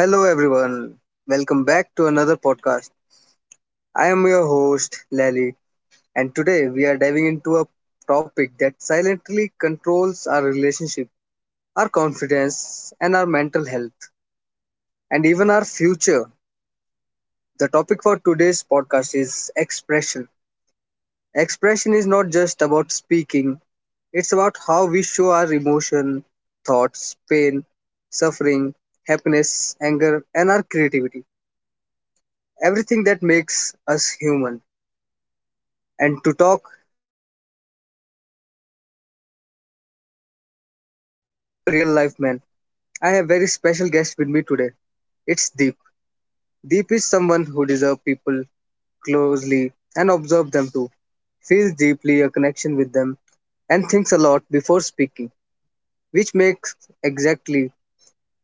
Hello, everyone. Welcome back to another podcast. I am your host, Lally, and today we are diving into a topic that silently controls our relationship, our confidence, and our mental health, and even our future. The topic for today's podcast is expression. Expression is not just about speaking, it's about how we show our emotion, thoughts, pain, suffering, happiness, anger, and our creativity. Everything that makes us human. And to talk about this topic deeply and honestly and from a real life man. I have very special guest with me today. It's Deep. Deep is someone who deserves people closely and observe them too, feels deeply a connection with them, and thinks a lot before speaking, which makes exactly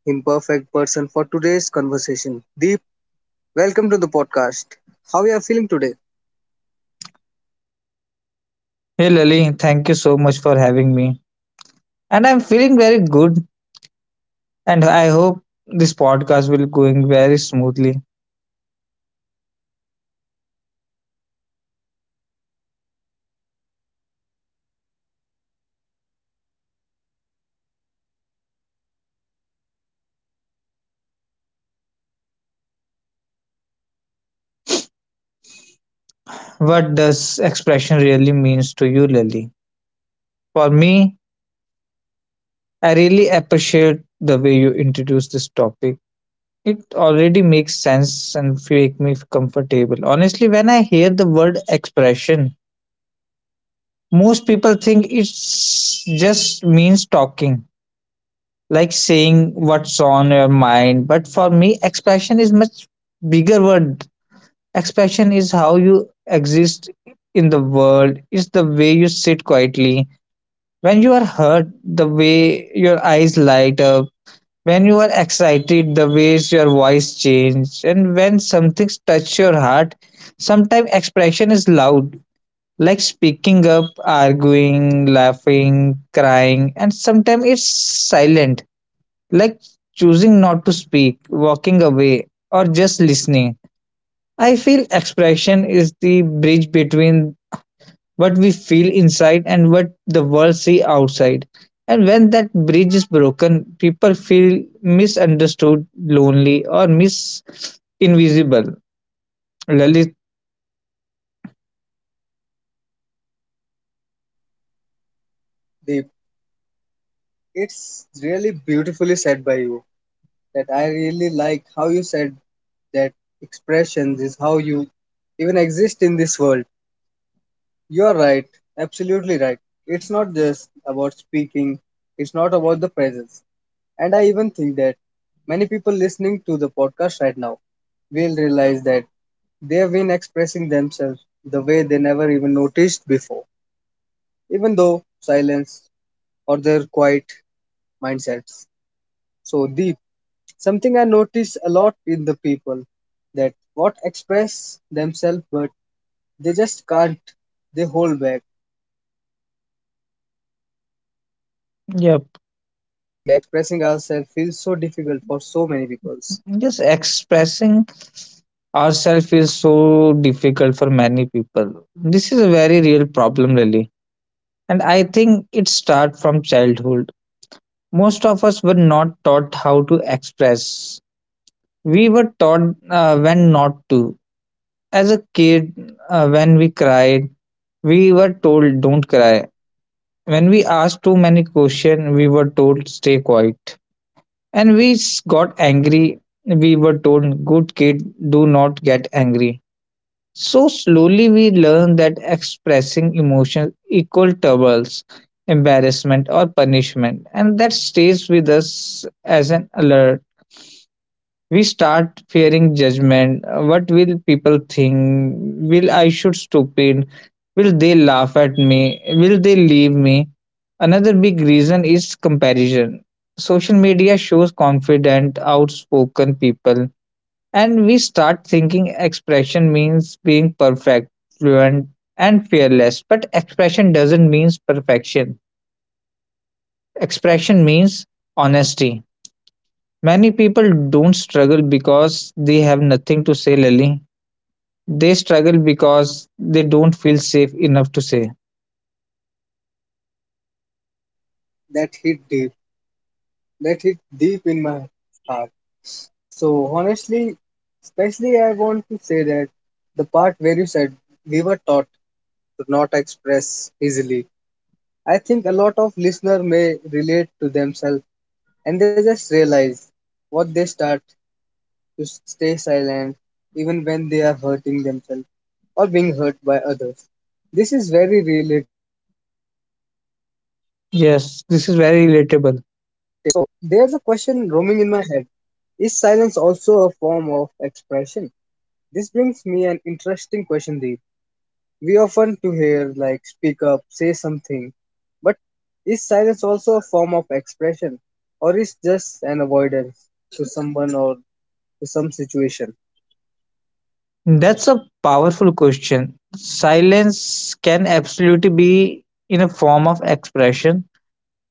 him perfect person for today's conversation. Deep, welcome to the podcast. How you are feeling today, Hey Lily, thank you so much for having me. And I'm feeling very good and I hope this podcast will going very smoothly. What does expression really means to you, Lily? For me, I really appreciate the way you introduce this topic. It already makes sense and make me comfortable. Honestly, when I hear the word expression, most people think it's just means talking like saying what's on your mind. But for me, expression is much bigger word. Expression is how you exist in the world. It's the way you sit quietly. When you are hurt, the way your eyes light up. When you are excited, the ways your voice change. And when something touch your heart, sometimes expression is loud, like speaking up, arguing, laughing, crying, and sometimes it's silent like choosing not to speak, walking away, or just listening. I feel expression is the bridge between what we feel inside and what the world see outside. And when that bridge is broken, people feel misunderstood, lonely, or mis invisible. Lalit, Deep? It's really beautifully said by you. That I really like how you said that expressions is how you even exist in this world. You are right, absolutely right. It's not just about speaking, it's not about the presence. And I even think that many people listening to the podcast right now will realize that they have been expressing themselves the way they never even noticed before, even though silence or their quiet mindsets so deep. Something I notice a lot in the people that what express themselves but they just can't. They hold back, they overthink, and they keep themselves quiet. Why yeah, do you think expressing ourselves feels so difficult for so many people? just expressing ourselves is so difficult for many people. This is a very real problem, really, and I think it starts from childhood. Most of us were not taught how to express. We were taught when not to. As a kid, when we cried, we were told don't cry. When we asked too many questions, we were told stay quiet. And we got angry, we were told good kid, do not get angry. So slowly we learned that expressing emotions equal troubles, embarrassment or punishment, and that stays with us as an alert. We start fearing judgment. What will people think? Will I shoot stupid? Will they laugh at me? Will they leave me? Another big reason is comparison. Social media shows confident, outspoken people, and we start thinking expression means being perfect, fluent, and fearless. But expression doesn't mean perfection. Expression means honesty. Many people don't struggle because they have nothing to say, Lily. They struggle because they don't feel safe enough to say. That hit deep. That hit deep in my heart. So honestly, especially I want to say that the part where you said we were taught to not express easily. I think a lot of listeners may relate to themselves and they just realize what they start to stay silent even when they are hurting themselves or being hurt by others. This is very relatable and very realistic too. Yes, this is very relatable. So there's a question roaming in my head. Is silence also a form of expression? This brings me an interesting question, Deep. We often to hear like speak up, say something, but is silence also a form of expression or is just an avoidance to someone or to some situation? That's a powerful question. Silence can absolutely be in a form of expression,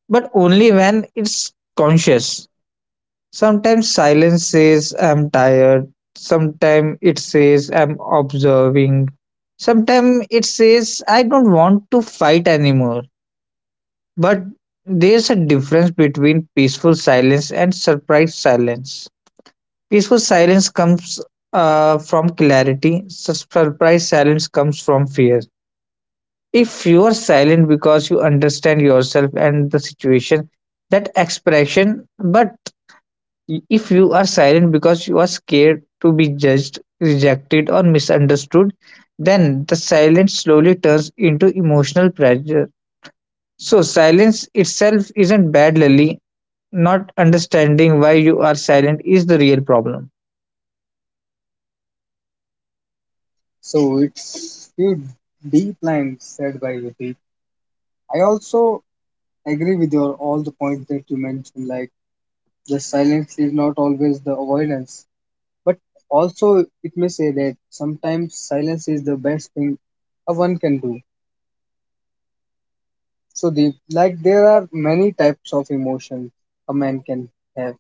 but only when it's conscious. Sometimes silence says, I'm tired. Sometimes it says, I'm observing. Sometimes it says, I don't want to fight anymore. But there's a difference between peaceful silence and surprise silence. Peaceful silence comes from clarity. Surprise silence comes from fear. If you are silent because you understand yourself and the situation, that expression, but if you are silent because you are scared to be judged, rejected, or misunderstood, then the silence slowly turns into emotional pressure. So, silence itself isn't bad, Lily. Not understanding why you are silent is the real problem. So it's few deep lines said by Deep. I also agree with your all the points that you mentioned, like the silence is not always the avoidance. But also it may say that sometimes silence is the best thing a one can do. So the like there are many types of emotions a man can have.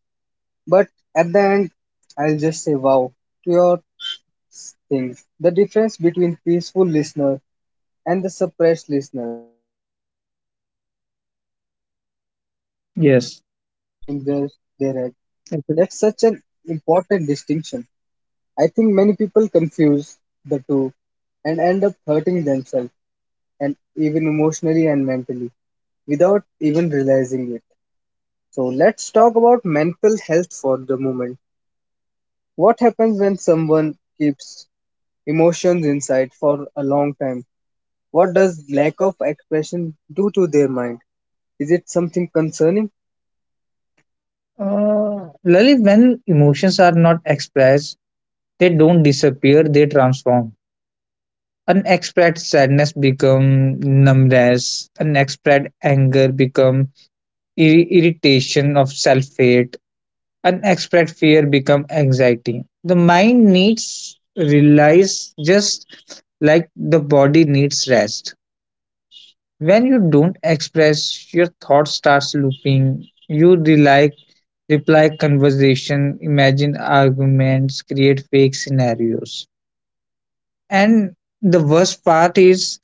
But at the end I'll just say wow to your thing. The difference between peaceful listener and the suppressed listener, it's always the silence that is Yes. roaming in their head. That's such Absolutely. an important distinction. I think many people confuse the two and end up hurting themselves and even emotionally and mentally without even realizing it. So let's talk about mental health for the moment. What happens when someone keeps emotions inside for a long time? What does lack of expression do to their mind? Is it something concerning? Lalit, when emotions are not expressed, they don't disappear, they transform. Unexpressed sadness become numbness. Unexpressed anger become irritation of self-hate. Unexpressed fear become anxiety. The mind needs release, just like the body needs rest. When you don't express, your thought starts looping. You reply conversation, imagine arguments, create fake scenarios. And the worst part is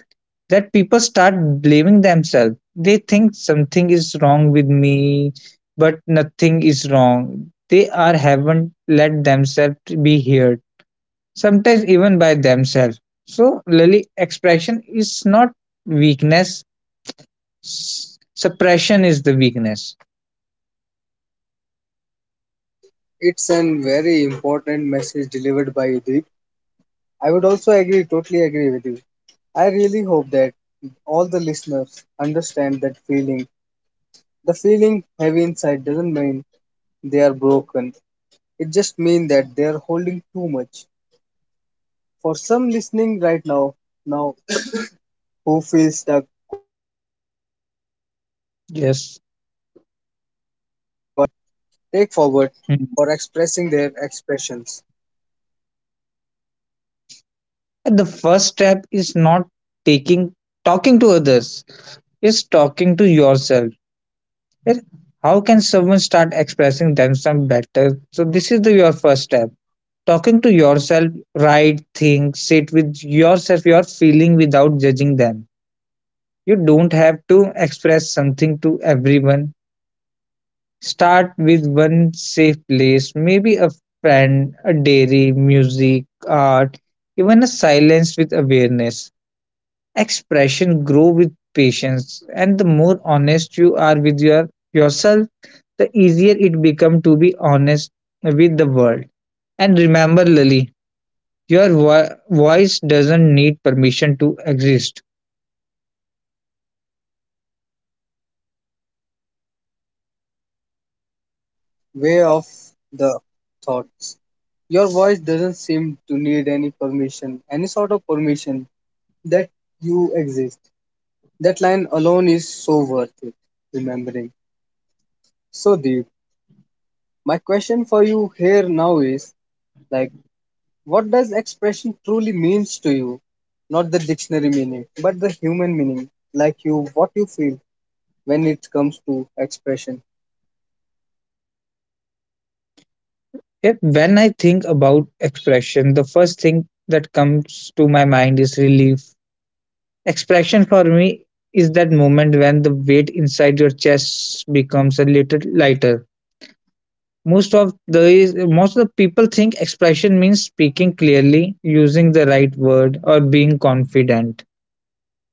that people start blaming themselves. They think something is wrong with me, but nothing is wrong. They are haven't let themselves be heard. Sometimes even by themselves. So Lily, expression is not weakness. Suppression is the weakness. It's an very important message delivered by Udip. I would also agree, totally agree with you. I really hope that all the listeners understand that feeling. The feeling heavy inside doesn't mean they are broken. It just means that they are holding too much. For some listening right now, now who feel stuck, quiet, and unheard, what's the Yes. first small step they can take forward for Mm. expressing their expressions? The first step is not taking talking to others, it's talking to yourself. Yes, how can someone start expressing themselves better? So this is the your first step, talking to yourself. Write, think, sit with yourself, your feeling without judging them. You don't have to express something to everyone. Start with one safe place, maybe a friend, a dairy, music, art, even a silence with awareness. Expression grow with patience, and the more honest you are with your yourself, the easier it become to be honest with the world. And remember, Lily, your voice doesn't need permission to exist. That's such a calming and reassuring way of the thoughts. Your voice doesn't seem to need any permission, any sort of permission that you exist. That line alone is so worth it, remembering. So, Deep, my question for you here now is like, what does expression truly means to you? Not the dictionary meaning, but the human meaning, like you, what you feel when it comes to expression. If, when I think about expression, the first thing that comes to my mind is relief. Expression for me is that moment when the weight inside your chest becomes a little lighter. Most of the people think expression means speaking clearly, using the right word, or being confident.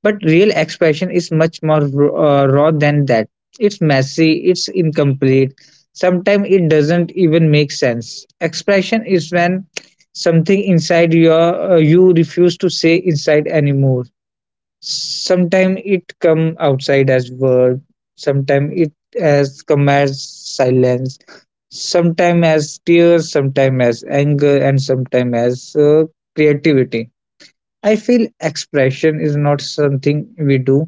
But real expression is much more raw than that. It's messy, it's incomplete. Sometimes it doesn't even make sense. Expression is when something inside you refuse to say inside anymore. Sometime it come outside as word, sometime it has come as silence, sometime as tears, sometime as anger, and sometime as creativity. I feel expression is not something we do,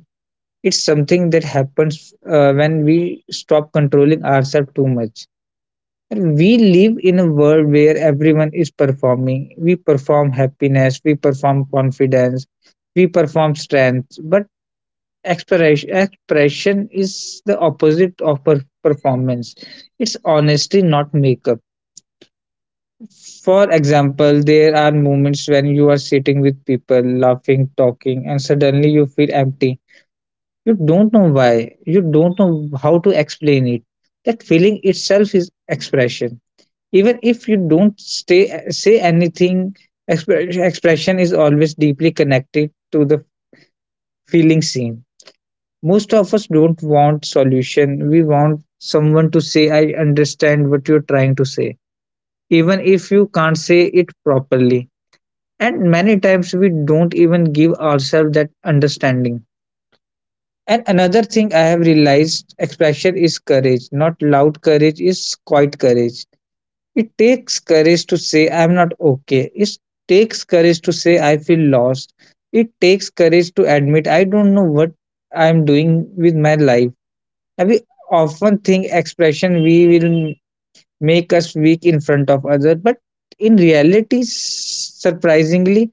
it's something that happens when we stop controlling ourselves too much. And we live in a world where everyone is performing. We perform happiness, we perform confidence, we perform strength, but expression is the opposite of performance. It's honesty, not makeup. For example, there are moments when you are sitting with people, laughing, talking, and suddenly you feel empty. You don't know why. You don't know how to explain it. That feeling itself is expression. Even if you don't say anything, expression is always deeply connected to the feeling seen. Most of us don't want solution. We want someone to say, I understand what you're trying to say, even if you can't say it properly. And many times we don't even give ourselves that understanding. And another thing I have realized, expression is courage, not loud courage, is quiet courage. It takes courage to say, I'm not okay. It takes courage to say, I feel lost. It takes courage to admit, I don't know what I'm doing with my life. And we often think expression we will make us weak in front of others, but in reality, surprisingly,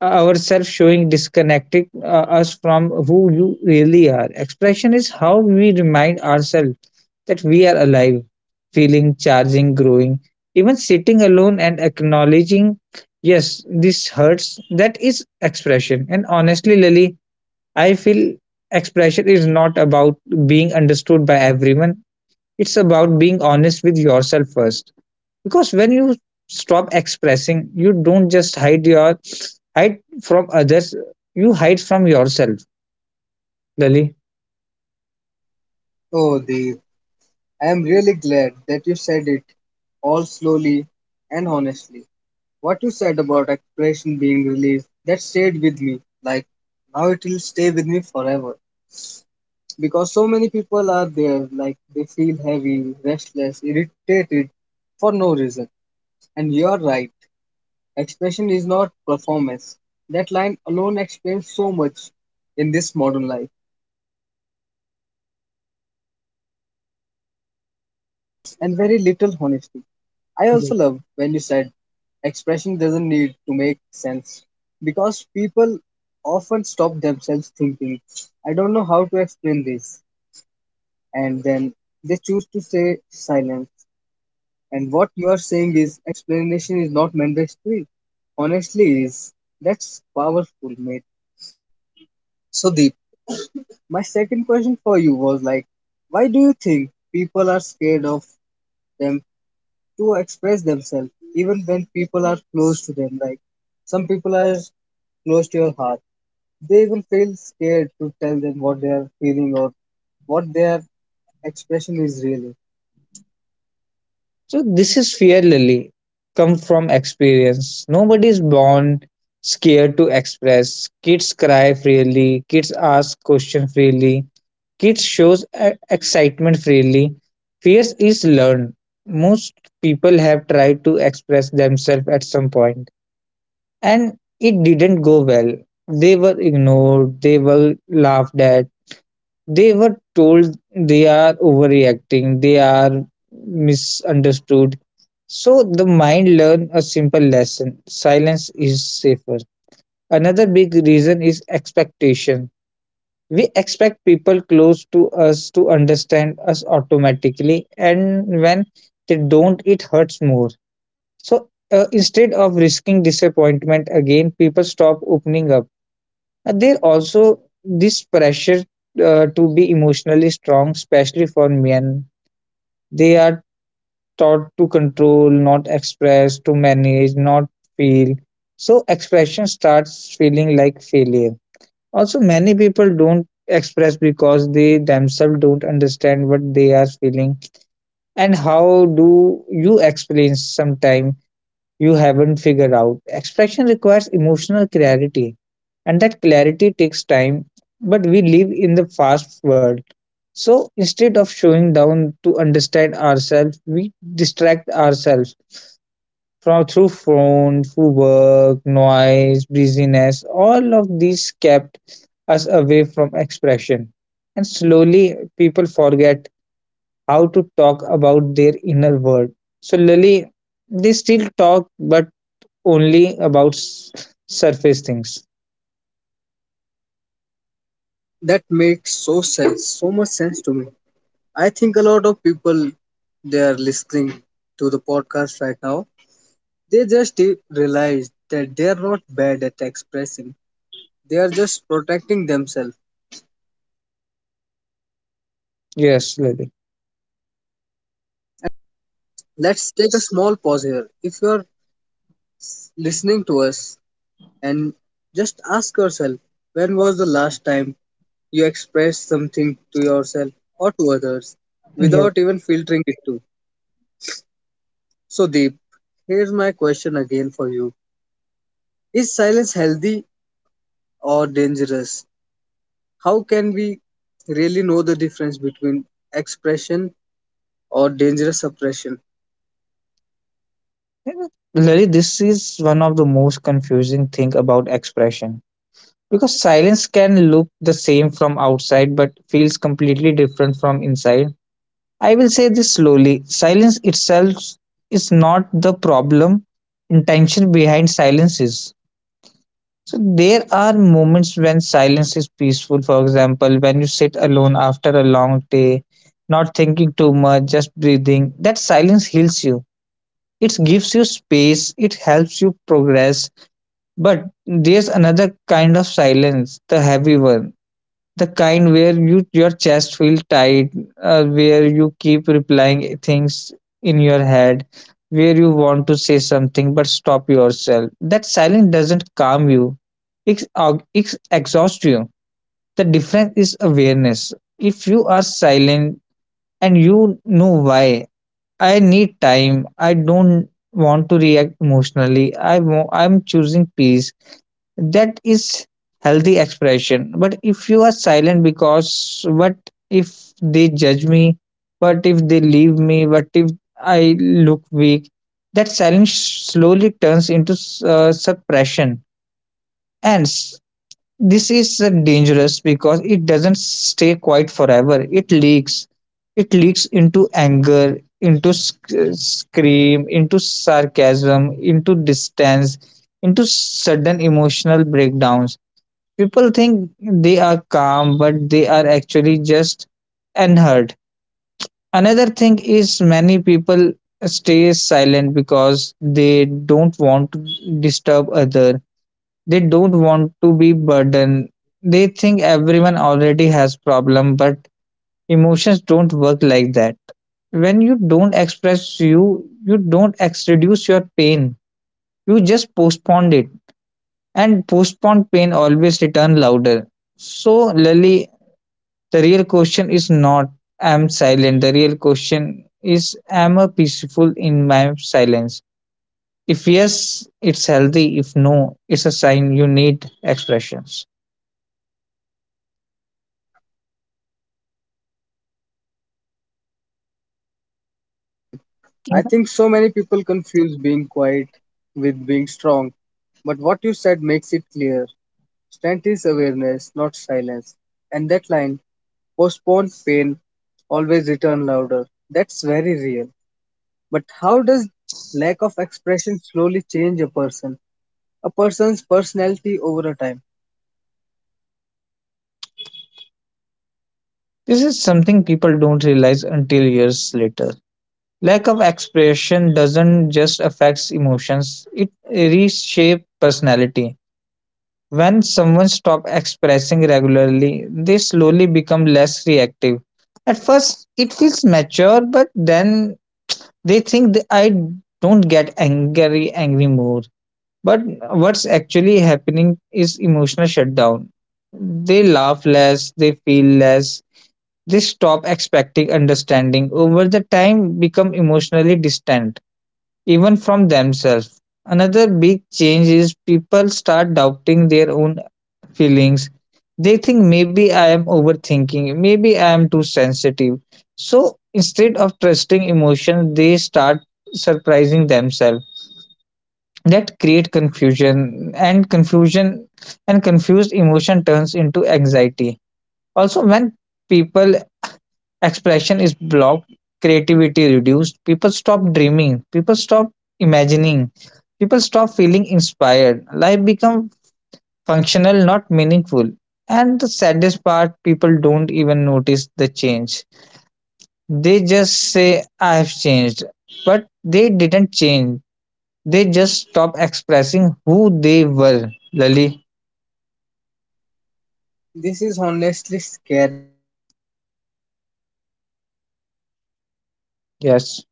ourselves showing disconnected us from who you really are. Expression is how we remind ourselves that we are alive, feeling, charging, growing, even sitting alone and acknowledging, yes, this hurts. That is expression. And honestly, Lily, I feel expression is not about being understood by everyone, it's about being honest with yourself first. Because when you stop expressing, you don't just hide from others, you hide from yourself, Lily. Oh, Deep. I am really glad that you said it all slowly and honestly. What you said about expression being released, that stayed with me. Like, now it will stay with me forever. Because so many people are there, like, they feel heavy, restless, irritated for no reason. And you're right, expression is not performance. That line alone explains so much in this modern life. We are surrounded by noise, content, opinions, and very little honesty. I also Mhm. love when you said expression doesn't need to make sense because people often stop themselves thinking, I don't know how to explain this, and then they choose to say silence. And what you are saying is explanation is not mandatory. Honestly, is that's powerful, mate. So deep. My second question for you was like, why do you think people are scared of them to express themselves even when people are close to them, like some people are close to your heart, they even feel scared to tell them what they are feeling or what their expression is really. So this is fear, Lily. Come from experience. Nobody is born scared to express. Kids cry freely. Kids ask questions freely. Kids shows excitement freely. Fear is learned. Most people have tried to express themselves at some point, and it didn't go well. They were ignored, they were laughed at, they were told they are overreacting, they are misunderstood. So the mind learned a simple lesson, silence is safer. Another big reason is expectation. We expect people close to us to understand us automatically, and when they don't, it hurts more. So instead of risking disappointment again, people stop opening up. There also this pressure to be emotionally strong, especially for men. They are taught to control, not express, to manage, not feel. So expression starts feeling like failure. Also, many people don't express because they themselves don't understand what they are feeling. And how do you explain sometime you haven't figured out? Expression requires emotional clarity, and that clarity takes time, but we live in the fast world. So instead of showing down to understand ourselves, we distract ourselves from through phone, through work, noise, busyness. All of these kept us away from expression, and slowly people forget how to talk about their inner world. So slowly, they still talk but only about surface things. That makes so sense, so much sense to me. I think a lot of people they are listening to the podcast right now. They just realize that they are not bad at expressing. They are just protecting themselves. And such an important Yes, realization. Lily. Let's take a small pause here. If you're listening to us and just ask yourself, when was the last time you expressed something to yourself or to others without even filtering it too? So, Deep, here's my question again for you. Is silence healthy or dangerous? How can we really know the difference between expression or dangerous suppression? Larry, this is one of the most confusing thing about expression, because silence can look the same from outside but feels completely different from inside. I will say this slowly. Silence itself is not the problem. Intention behind silence is. So there are moments when silence is peaceful. For example, when you sit alone after a long day, not thinking too much, just breathing. That silence heals you. It gives you space. It helps you progress. But there's another kind of silence, the heavy one, the kind where your chest feels tight, where you keep replying things in your head, where you want to say something but stop yourself. That silence doesn't calm you; it it exhausts you. The difference is awareness. If you are silent and you know why, I need time. I don't want to react emotionally. I'm choosing peace, that is healthy expression. But if you are silent because what if they judge me, what if they leave me, what if I look weak, that silence slowly turns into suppression. And s- this is uh, dangerous because it doesn't stay quiet forever, it leaks. It leaks into anger, into scream, into sarcasm, into distance, into sudden emotional breakdowns. People think they are calm, but they are actually just unheard. Another thing is many people stay silent because they don't want to disturb other. They don't want to be burden. They think everyone already has problem, but emotions don't work like that. When you don't express you, You don't reduce your pain. You just postpone it, and postponed pain always return louder. So, Lily, the real question is not "am silent", the real question is "am I peaceful in my silence?" If yes, it's healthy. If no, it's a sign you need expressions. That explanation was needed. Truly, my friend. I think so many people confuse being quiet with being strong, but what you said makes it clear. Strength is awareness, not silence. And that line, postponed pain, always return louder. That's very real. But how does lack of expression slowly change a person? A person's personality over a time. This is something people don't realize until years later. Lack of expression doesn't just affect emotions, it reshapes personality. When someone stops expressing regularly, they slowly become less reactive. At first, it feels mature, but then they think that I don't get angry more. But what's actually happening is emotional shutdown. They laugh less, they feel less, they stop expecting understanding, over the time become emotionally distant, even from themselves. Another big change is people start doubting their own feelings. They think maybe I am overthinking, maybe I am too sensitive. So instead of trusting emotion, they start surprising themselves. That create confusion, and confused emotion turns into anxiety. Also when people expression is blocked, creativity reduced, people stop dreaming, people stop imagining, people stop feeling inspired, life become functional, not meaningful. And the saddest part, people don't even notice the change. They just say, I have changed. But they didn't change. They just stopped expressing who they were. Lali. This is honestly scary, my friend Deep, but necessary to hear. Everyone should hear it, Yes.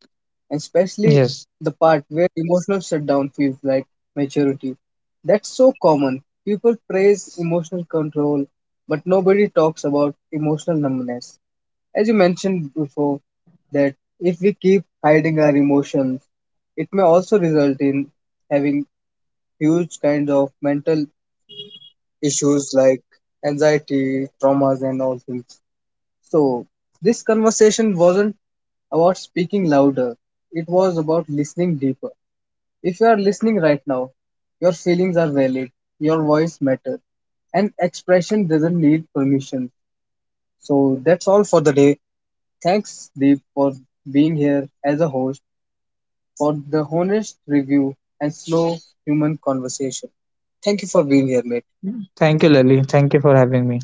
and especially the Yes. part where emotional shutdown feels like maturity. That's so common. People praise emotional control, but nobody talks about emotional numbness. As you mentioned before, that if we keep hiding our emotions, it may also result in having huge kinds of mental issues like anxiety, traumas, and all things. So, this conversation wasn't about speaking louder, it was about listening deeper. If you are listening right now, your feelings are valid, your voice matters, and expression doesn't need permission. So that's all for the day. Thanks, Deep, for being here as a host, for the honest review and slow human conversation. Thank you for being here, mate. Thank you, Lali. Thank you for having me.